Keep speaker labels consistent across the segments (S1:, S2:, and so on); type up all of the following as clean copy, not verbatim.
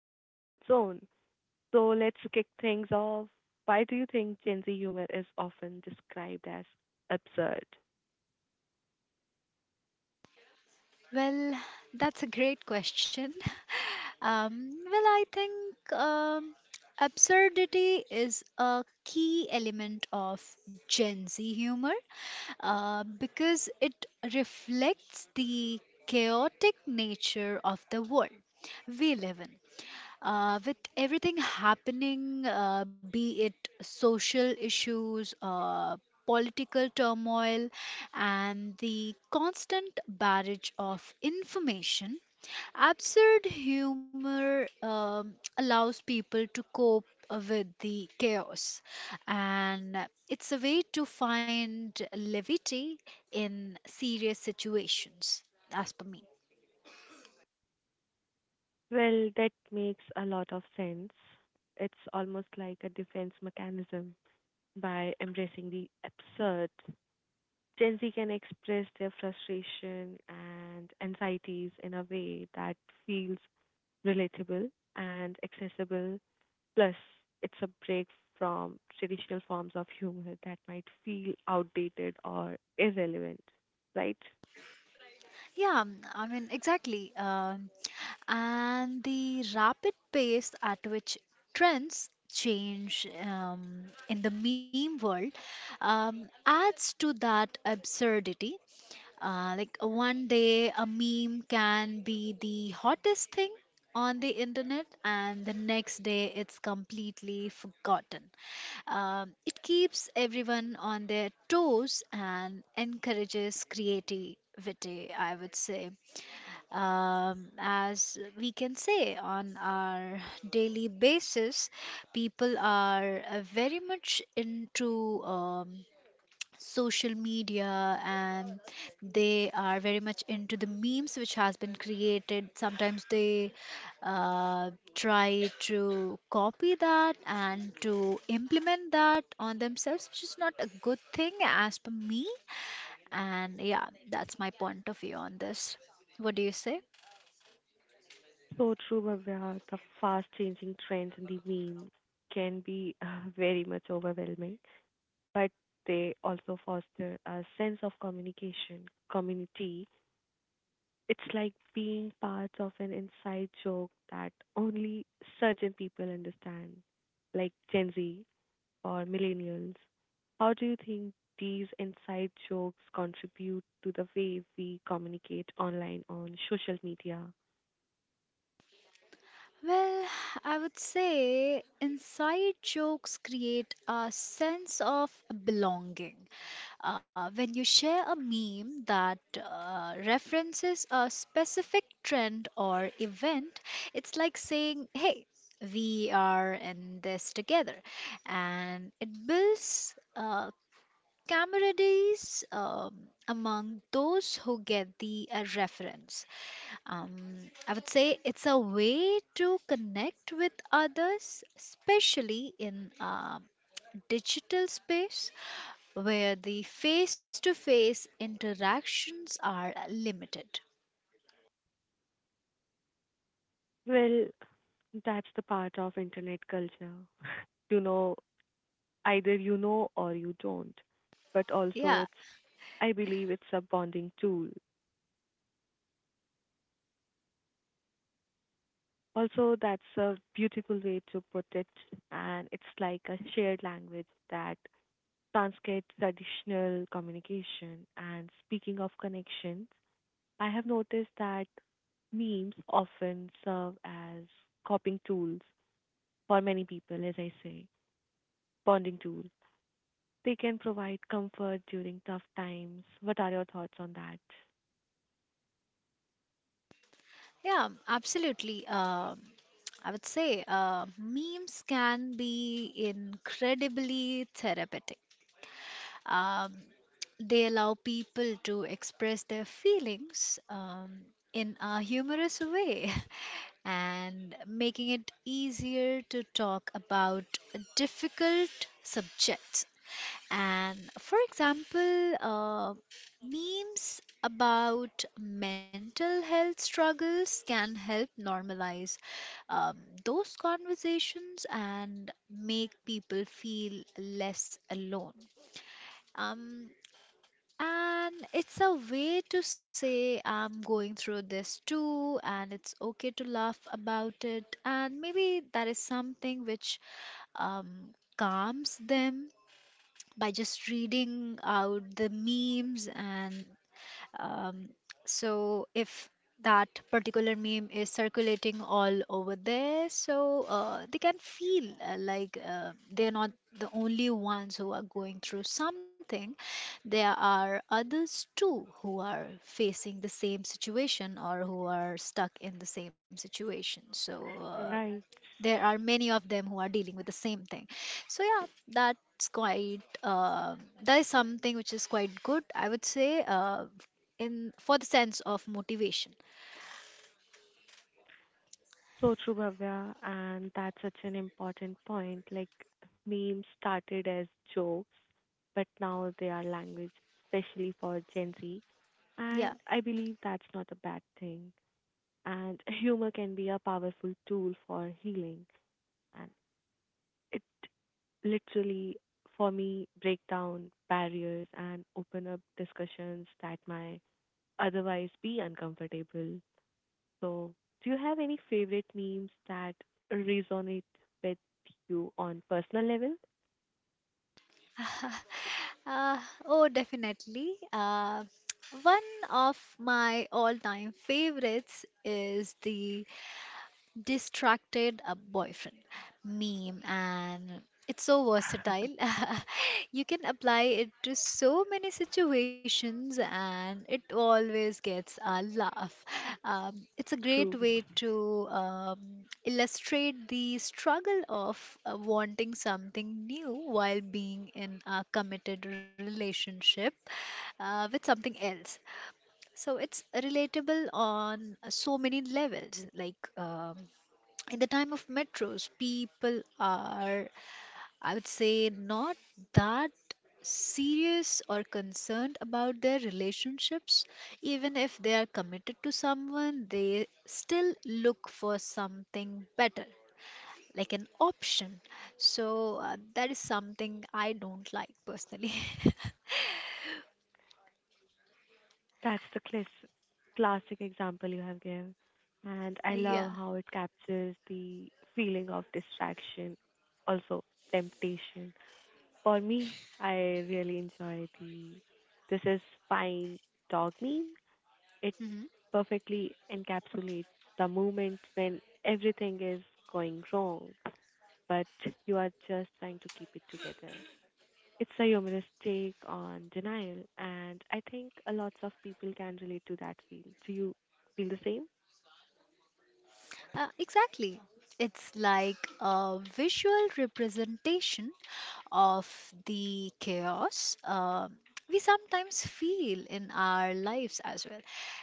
S1: language of its own. So let's kick things off. Why do you think Gen Z humor is often described as absurd?
S2: Well, that's a great question. I think absurdity is a key element of Gen Z humor because it reflects the chaotic nature of the world we live in. With everything happening, be it social issues, political turmoil, and the constant barrage of information, absurd humor allows people to cope with the chaos. And it's a way to find levity in serious situations, as per me.
S1: Well, that makes a lot of sense. It's almost like a defense mechanism. By embracing the absurd, Gen Z can express their frustration and anxieties in a way that feels relatable, and accessible. Plus, it's a break from traditional forms of humor that might feel outdated or irrelevant, right?
S2: Yeah, I mean, exactly. And the rapid pace at which trends change in the meme world adds to that absurdity. Like, one day a meme can be the hottest thing on the internet, and the next day it's completely forgotten. It keeps everyone on their toes and encourages creativity, I would say. As we can say on our daily basis, people are very much into social media and they are very much into the memes which has been created, sometimes they try to copy that and to implement that on themselves, which is not a good thing as per me, and yeah, that's my point of view on this. What do you say?
S1: So true, Bhavya. The fast changing trends in the memes can be very much overwhelming, but they also foster a sense of communication, community. It's like being part of an inside joke that only certain people understand, like Gen Z or millennials? How do you think these inside jokes contribute to the way we communicate online on social media?
S2: Well, I would say inside jokes create a sense of belonging. When you share a meme that references a specific trend or event, it's like saying, hey, we are in this together. And it builds camaraderie um, among those who get the reference. I would say it's a way to connect with others, especially in a digital space where the face to face interactions are limited.
S1: Well, that's the part of internet culture. You know, either you know or you don't. But also
S2: Yeah,
S1: it's I believe it's a bonding tool. Also, that's a beautiful way to put it. And it's like a shared language that transcends traditional communication. And speaking of connections, I have noticed that memes often serve as coping tools for many people, as I say, bonding tools. They can provide comfort during tough times. What are your thoughts on that?
S2: yeah, absolutely. I would say memes can be incredibly therapeutic. Um, they allow people to express their feelings in a humorous way, and making it easier to talk about difficult subjects. And for example, memes about mental health struggles can help normalize um, those conversations and make people feel less alone. Um, and it's a way to say, I'm going through this too, and it's okay to laugh about it. And maybe that is something which calms them by just reading out the memes, and um, so if that particular meme is circulating all over there, so they can feel like they're not the only ones who are going through something. There are others too who are facing the same situation or who are stuck in the same situation. So
S1: Right.
S2: there are many of them who are dealing with the same thing, so yeah, that's quite that is something which is quite good, I would say, in for the sense of motivation.
S1: So true, Bhavya, and that's such an important point. Like memes started as jokes, but now they are language, especially for Gen Z.
S2: Yeah.
S1: And I believe that's not a bad thing. And humor can be a powerful tool for healing. And it literally for me break down barriers and open up discussions that might otherwise be uncomfortable. So do you have any favorite memes that resonate with you on personal level?
S2: uh, oh, definitely. One of my all-time favorites is the distracted a boyfriend meme, and it's so versatile. You can apply it to so many situations, and it always gets a laugh. It's a great
S1: True.
S2: way to illustrate the struggle of wanting something new while being in a committed relationship with something else, so it's relatable on so many levels. Like, in the time of metros, people are, I would say, not that serious or concerned about their relationships. Even if they are committed to someone, they still look for something better, like an option. So that is something I don't like personally.
S1: That's the classic example you have given. And I
S2: Yeah.
S1: love how it captures the feeling of distraction, also temptation. For me, I really enjoy the this is fine dog meme. It
S2: Mm-hmm.
S1: perfectly encapsulates the moment when everything is going wrong, but you are just trying to keep it together. It's a humorous take on denial, and I think a lots of people can relate to that feel. Do you feel the same?
S2: Exactly. It's like a visual representation of the chaos we sometimes feel in our lives as well.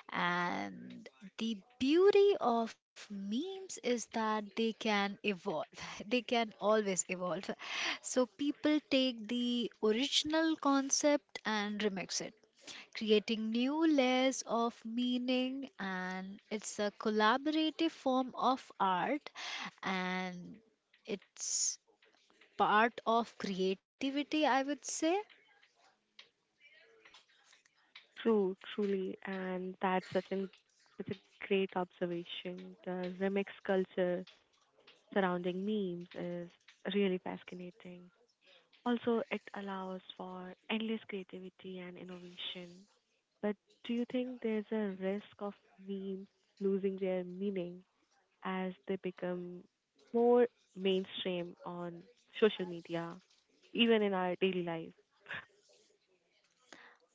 S2: And the beauty of memes is that they can evolve, they can always evolve. So people take the original concept and remix it, creating new layers of meaning, and it's a collaborative form of art, and it's part of creativity, I would say.
S1: True, truly, and that's such a great observation. The remix culture surrounding memes is really fascinating. Also, it allows for endless creativity and innovation. But do you think there's a risk of memes losing their meaning as they become more mainstream on social media, even in our daily life?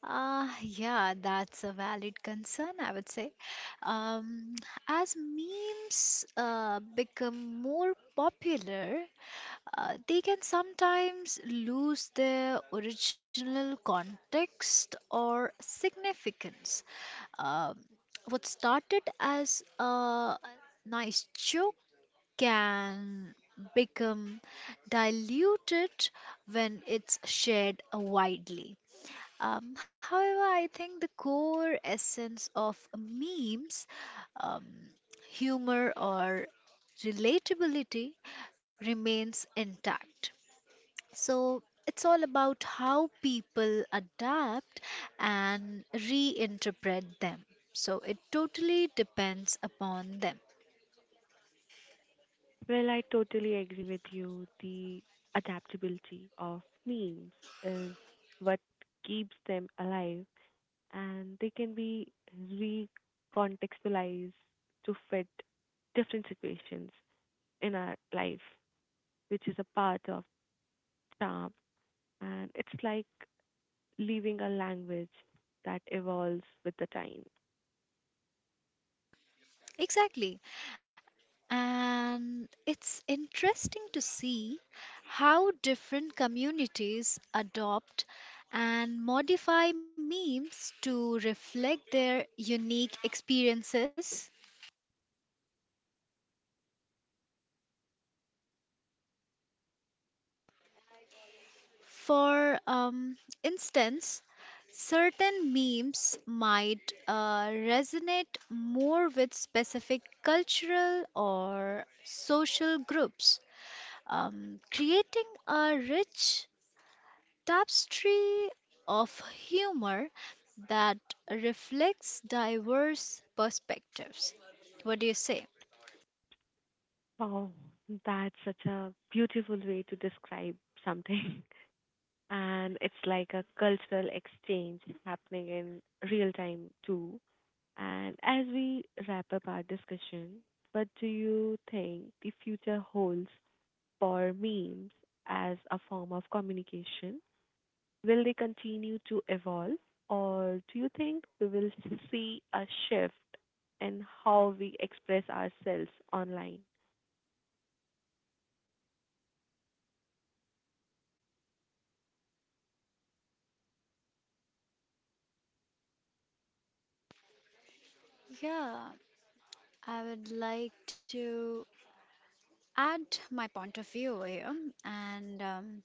S2: Yeah, that's a valid concern, I would say. Um, as memes become more popular, they can sometimes lose their original context or significance. Um, what started as a nice joke can become diluted when it's shared widely. However, I think the core essence of memes, um, humor, or relatability remains intact. So it's all about how people adapt and reinterpret them. So it totally depends upon them.
S1: Well, I totally agree with you. The adaptability of memes is what keeps them alive, and they can be recontextualized to fit different situations in our life, which is a part of charm. And it's like leaving a language that evolves with the time.
S2: Exactly. And it's interesting to see how different communities adopt and modify memes to reflect their unique experiences. For instance, certain memes might resonate more with specific cultural or social groups, creating a rich tapestry of humor that reflects diverse perspectives. What do you say?
S1: Oh, that's such a beautiful way to describe something. And it's like a cultural exchange happening in real time, too. And as we wrap up our discussion, what do you think the future holds for memes as a form of communication? Will they continue to evolve, or do you think we will see a shift in how we express ourselves online?
S2: Yeah, I would like to add my point of view here, and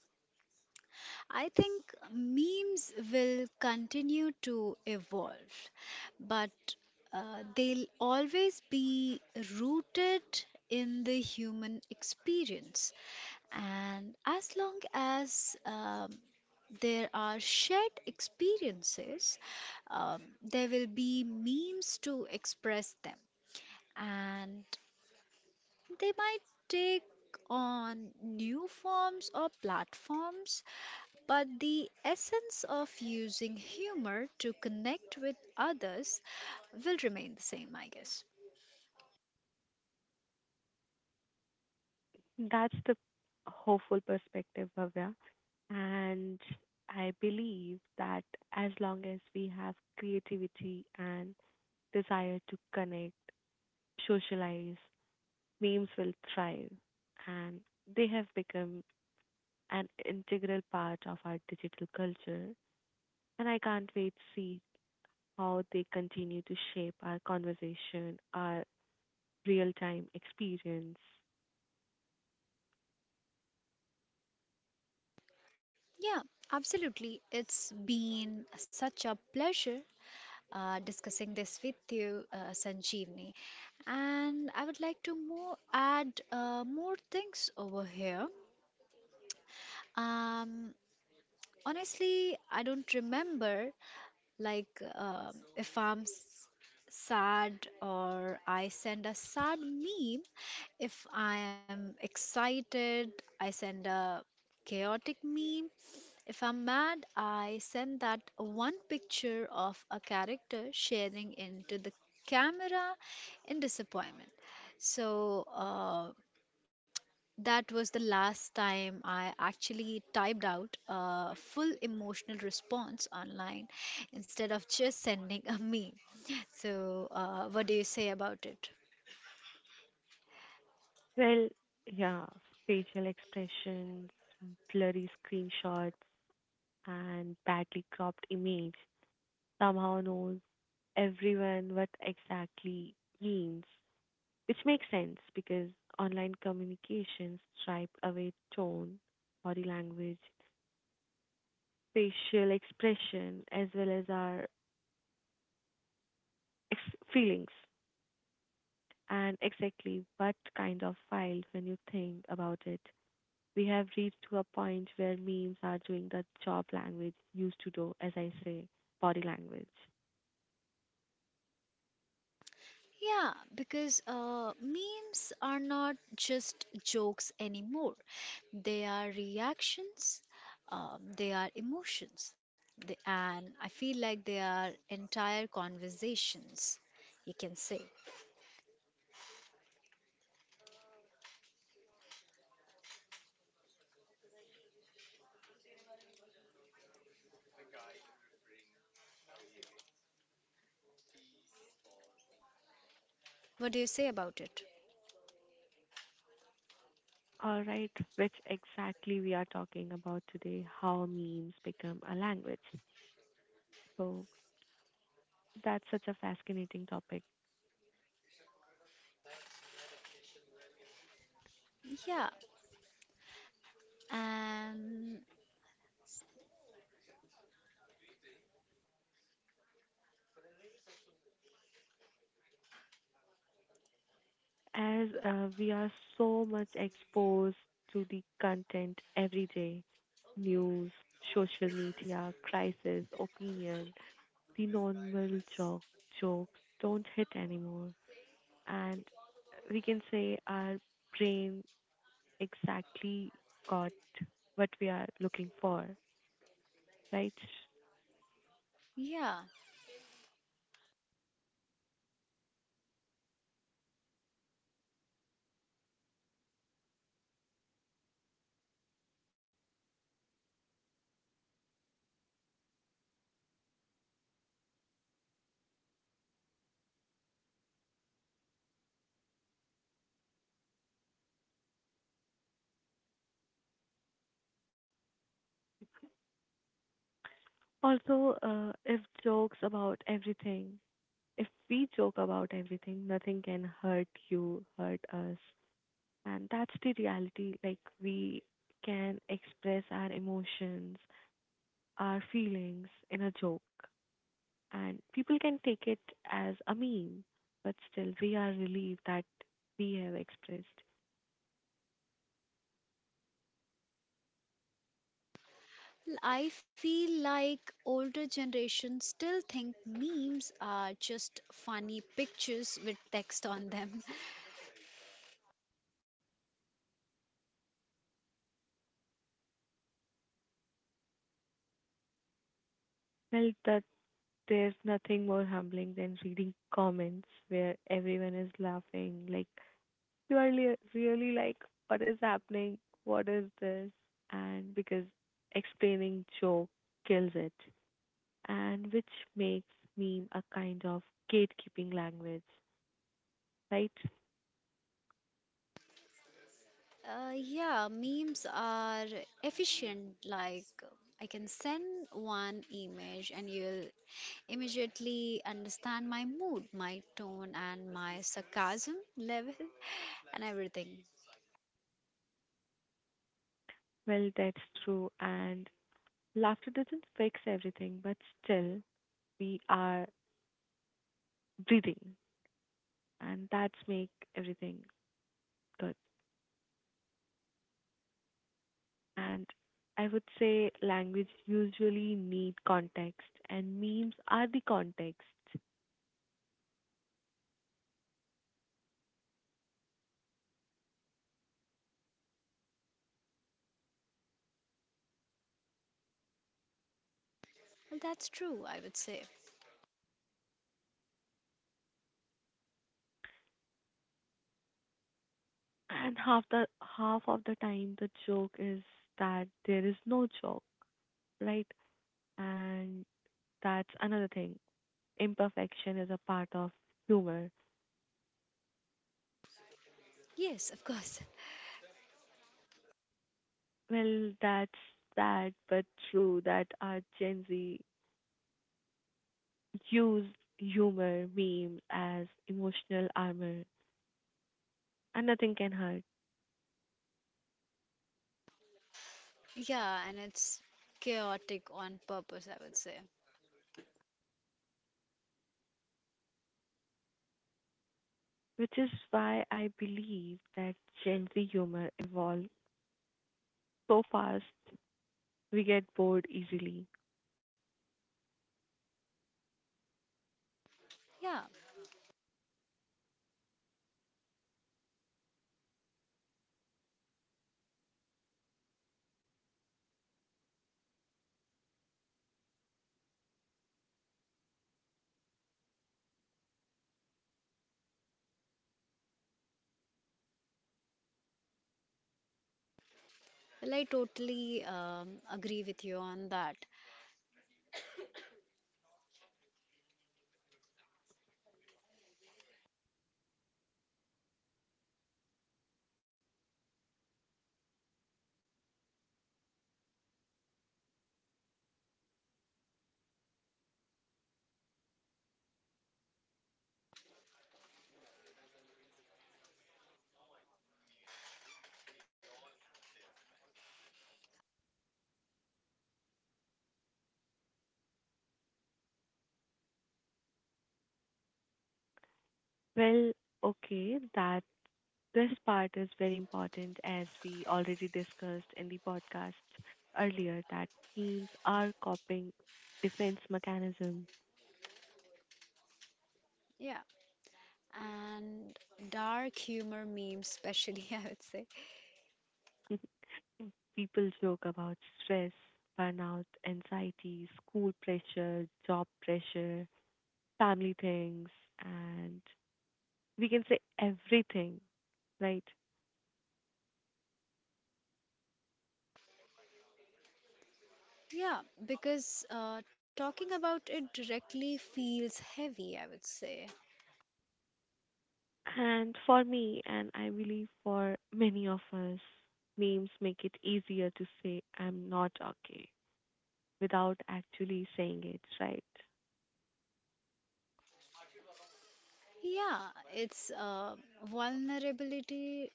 S2: I think memes will continue to evolve, but they'll always be rooted in the human experience. And as long as there are shared experiences, there will be memes to express them. And they might take on new forms or platforms, but the essence of using humor to connect with others will remain the same, I guess.
S1: That's the hopeful perspective, Bhavya. And I believe that as long as we have creativity and desire to connect, socialize, memes will thrive. And they have become an integral part of our digital culture. And I can't wait to see how they continue to shape our conversation, our real time experience.
S2: Yeah, absolutely. It's been such a pleasure discussing this with you, Sanjeevni. And I would like to more add more things over here. Um, Honestly, I don't remember, like, if I'm sad, or I send a sad meme. If I am excited, I send a chaotic meme. If I'm mad, I send that one picture of a character sharing into the camera in disappointment. So that was the last time I actually typed out a full emotional response online instead of just sending a meme. So, what do you say about it?
S1: Well, yeah, facial expressions, blurry screenshots, and badly cropped image somehow knows everyone what exactly means, which makes sense because online communications stripe away tone, body language, facial expression, as well as our feelings and exactly what kind of file when you think about it. We have reached to a point where memes are doing the job language used to do, as I say, body language.
S2: Yeah, because memes are not just jokes anymore. They are reactions, they are emotions, and I feel like they are entire conversations, you can say. What do you say about it?
S1: All right, which exactly we are talking about today, how memes become a language. So that's such a fascinating topic.
S2: Yeah, and
S1: As we are so much exposed to the content every day, news, social media, crisis, opinion, the normal jo- jokes don't hit anymore. And we can say our brain exactly got what we are looking for, right?
S2: yeah,
S1: Also, if jokes about everything, if we joke about everything, nothing can hurt you, hurt us. And that's the reality. Like, we can express our emotions, our feelings in a joke. And people can take it as a meme, but still, we are relieved that we have expressed.
S2: I feel like older generations still think memes are just funny pictures with text on them.
S1: Well, that there's nothing more humbling than reading comments where everyone is laughing. Like, you are really like, what is happening? What is this? And because explaining joke kills it, and which makes meme a kind of gatekeeping language, right?
S2: Yeah, memes are efficient. Like, I can send one image and you'll immediately understand my mood, my tone, and my sarcasm level, and everything.
S1: Well, that's true. And laughter doesn't fix everything, but still, we are breathing, and that's make everything good. And I would say language usually need context and memes are the context.
S2: Well, that's true, I would say.
S1: And half of the time the joke is that there is no joke, right? And that's another thing. Imperfection is a part of humor.
S2: Yes, of course.
S1: Well, that's sad but true that our Gen Z use humor memes as emotional armor and nothing can hurt.
S2: Yeah, and it's chaotic on purpose, I would say.
S1: Which is why I believe that Gen Z humor evolves so fast we get bored easily.
S2: Yeah, well, I totally agree with you on that.
S1: Well, okay, that this part is very important as we already discussed in the podcast earlier that memes are coping defense mechanism.
S2: Yeah, and dark humor memes, especially, I would say.
S1: People joke about stress, burnout, anxiety, school pressure, job pressure, family things, and we can say everything right?
S2: Yeah, because talking about it directly feels heavy, I would say.
S1: And for me, and I believe for many of us, names make it easier to say, I'm not okay, without actually saying it, right?
S2: Yeah, it's vulnerability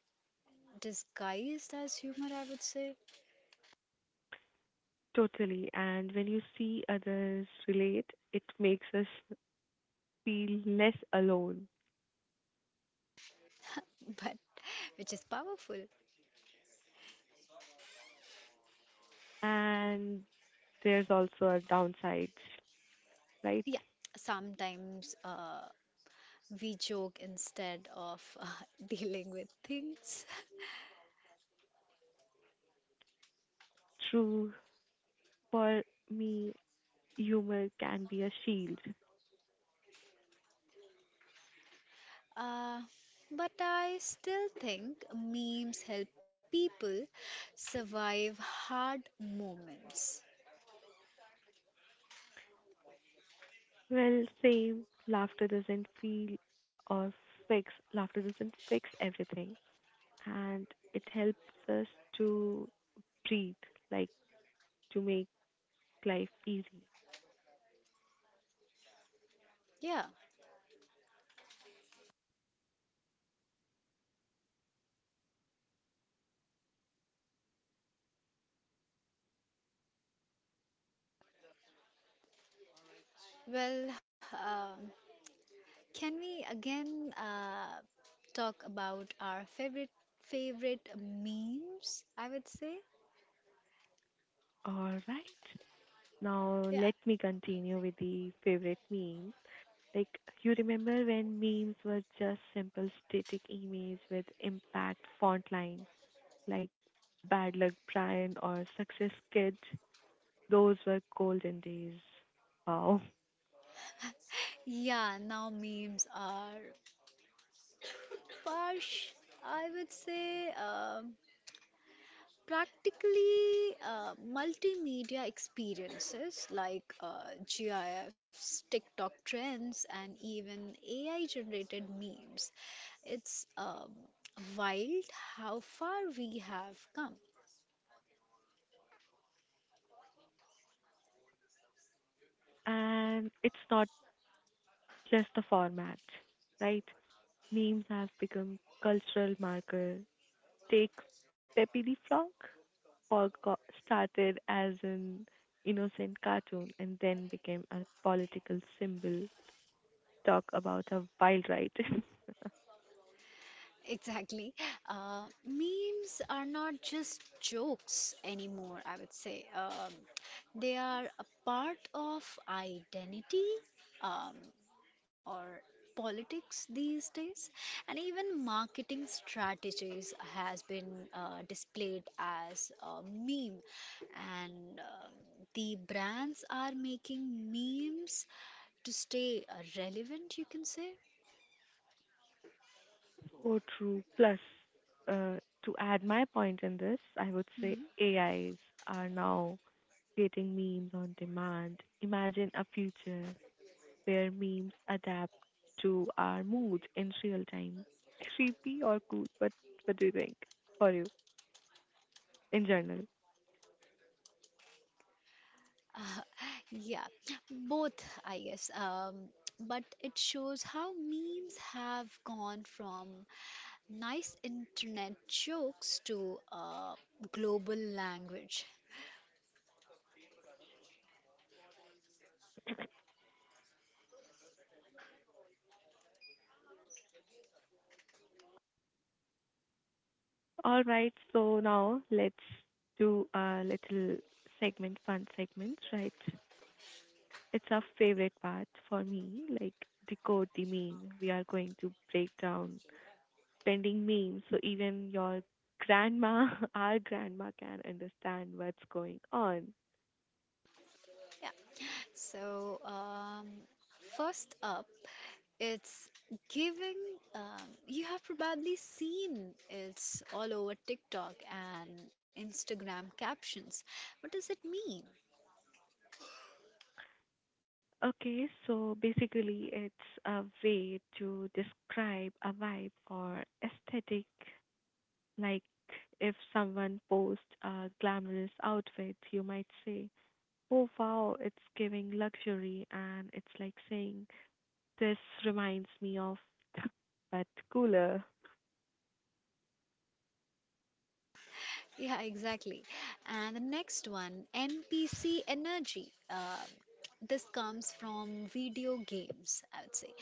S2: disguised as humor, I would say,
S1: Totally. And when you see others relate, it makes us feel less alone.
S2: but which is powerful.
S1: And there's also a downside, right?
S2: Yeah, sometimes we joke instead of dealing with things.
S1: True. For me, humor can be a shield.
S2: Uh, but I still think memes help people survive hard moments.
S1: Well, same. Laughter doesn't feel or fix. Laughter doesn't fix everything. And it helps us to breathe, like to make life easy.
S2: Yeah, well, can we again talk about our favorite memes? I would say,
S1: All right. Now,
S2: yeah.
S1: let me continue with the favorite memes. Like, you remember when memes were just simple static images with impact font line, like Bad Luck Brian or Success Kid? Those were golden days. Wow.
S2: Yeah. Now memes are Parsh, I would say, practically multimedia experiences like GIFs, TikTok trends, and even AI generated memes. It's wild how far we have come.
S1: And it's not just the format, right? Memes have become cultural marker. Take Pepe the Frog, forgot, started as an innocent cartoon and then became a political symbol. Talk about a wild ride.
S2: Exactly. Memes are not just jokes anymore, I would say. They are a part of identity um, or politics these days, and even marketing strategies has been displayed as a meme. And the brands are making memes to stay relevant, you can say.
S1: So true. Plus, uh, to add my point in this, I would say
S2: Mhm.
S1: AIs are now creating memes on demand. Imagine a future where memes adapt to our moods in real time. Creepy or cool, but what do you think? For you, in general.
S2: Uh, yeah, both, I guess. But it shows how memes have gone from nice internet jokes to global language.
S1: All right, so now let's do a little segment, fun segment, right? It's our favorite part for me, like decode the meme. We are going to break down pending memes so even your grandma, our grandma can understand what's going on.
S2: Yeah. So, first up, it's giving. You have probably seen it's all over TikTok and Instagram captions. What does it mean?
S1: Okay, so basically, it's a way to describe a vibe or aesthetic. Like if someone posts a glamorous outfit, you might say, "Oh wow, it's giving luxury." And it's like saying, "This reminds me of," but cooler.
S2: Yeah, exactly. And the next one, NPC energy. This comes from video games, I would say,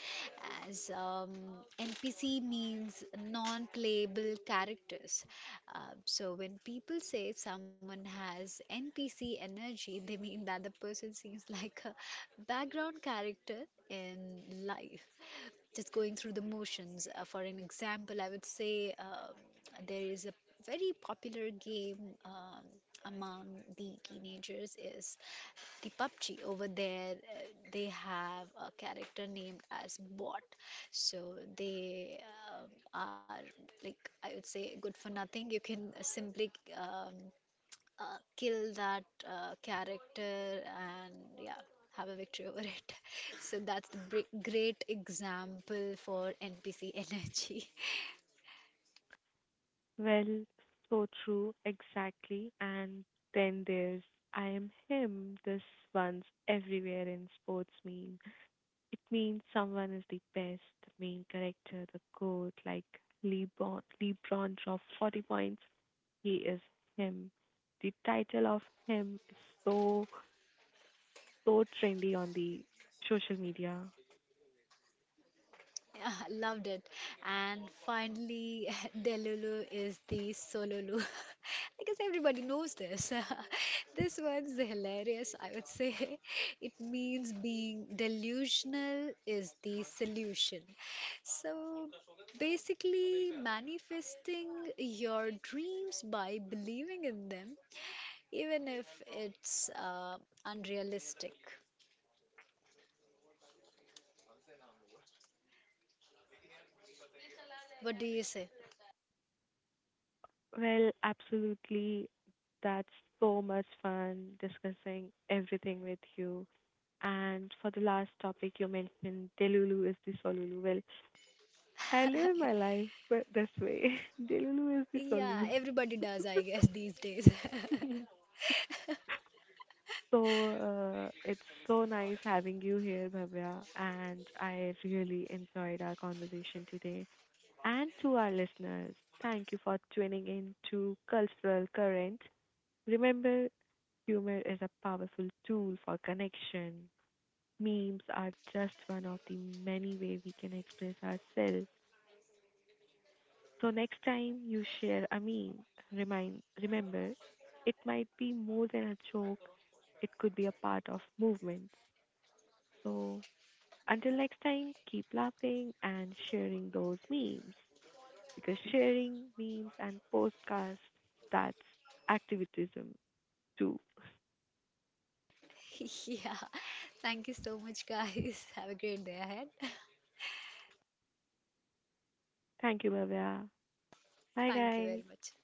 S2: as NPC means non-playable characters. So when people say someone has NPC energy, they mean that the person seems like a background character in life, just going through the motions. For an example, I would say, there is a very popular game um, among the teenagers is the PUBG. Over there, they have a character named as Bot. So they um, are, like, I would say, good for nothing. You can simply um, kill that character and yeah have a victory over it. So that's the great example for NPC energy.
S1: Well, so true, exactly. And then there's I am him. This one's everywhere in sports memes. It means someone is the best, the main character, the goat, like LeBron dropped 40 points. He is him. The title of him is so, so trendy on the social media.
S2: Yeah, loved it. And finally, Delulu is the Sololu. I guess everybody knows this. This one's hilarious, I would say. It means being delusional is the solution. So basically, manifesting your dreams by believing in them, even if it's unrealistic. What do you say?
S1: Well, absolutely. That's so much fun discussing everything with you. And for the last topic you mentioned, Delulu is the Solulu. Well, I live my life but this way. Delulu is the
S2: Yeah,
S1: Solulu.
S2: everybody does, I guess, these days.
S1: So, it's so nice having you here, Bhavya, and I really enjoyed our conversation today. And to our listeners, thank you for tuning in to Cultural Current. Remember, humor is a powerful tool for connection. Memes are just one of the many ways we can express ourselves. So next time you share a meme, remind remember, it might be more than a joke. It could be a part of movement. So until next time, keep laughing and sharing those memes because sharing memes and podcasts that's activism too.
S2: Yeah. Thank you so much, guys. Have a great day ahead.
S1: Thank you, Bhavya. Bye,
S2: Thank you
S1: guys.
S2: very much.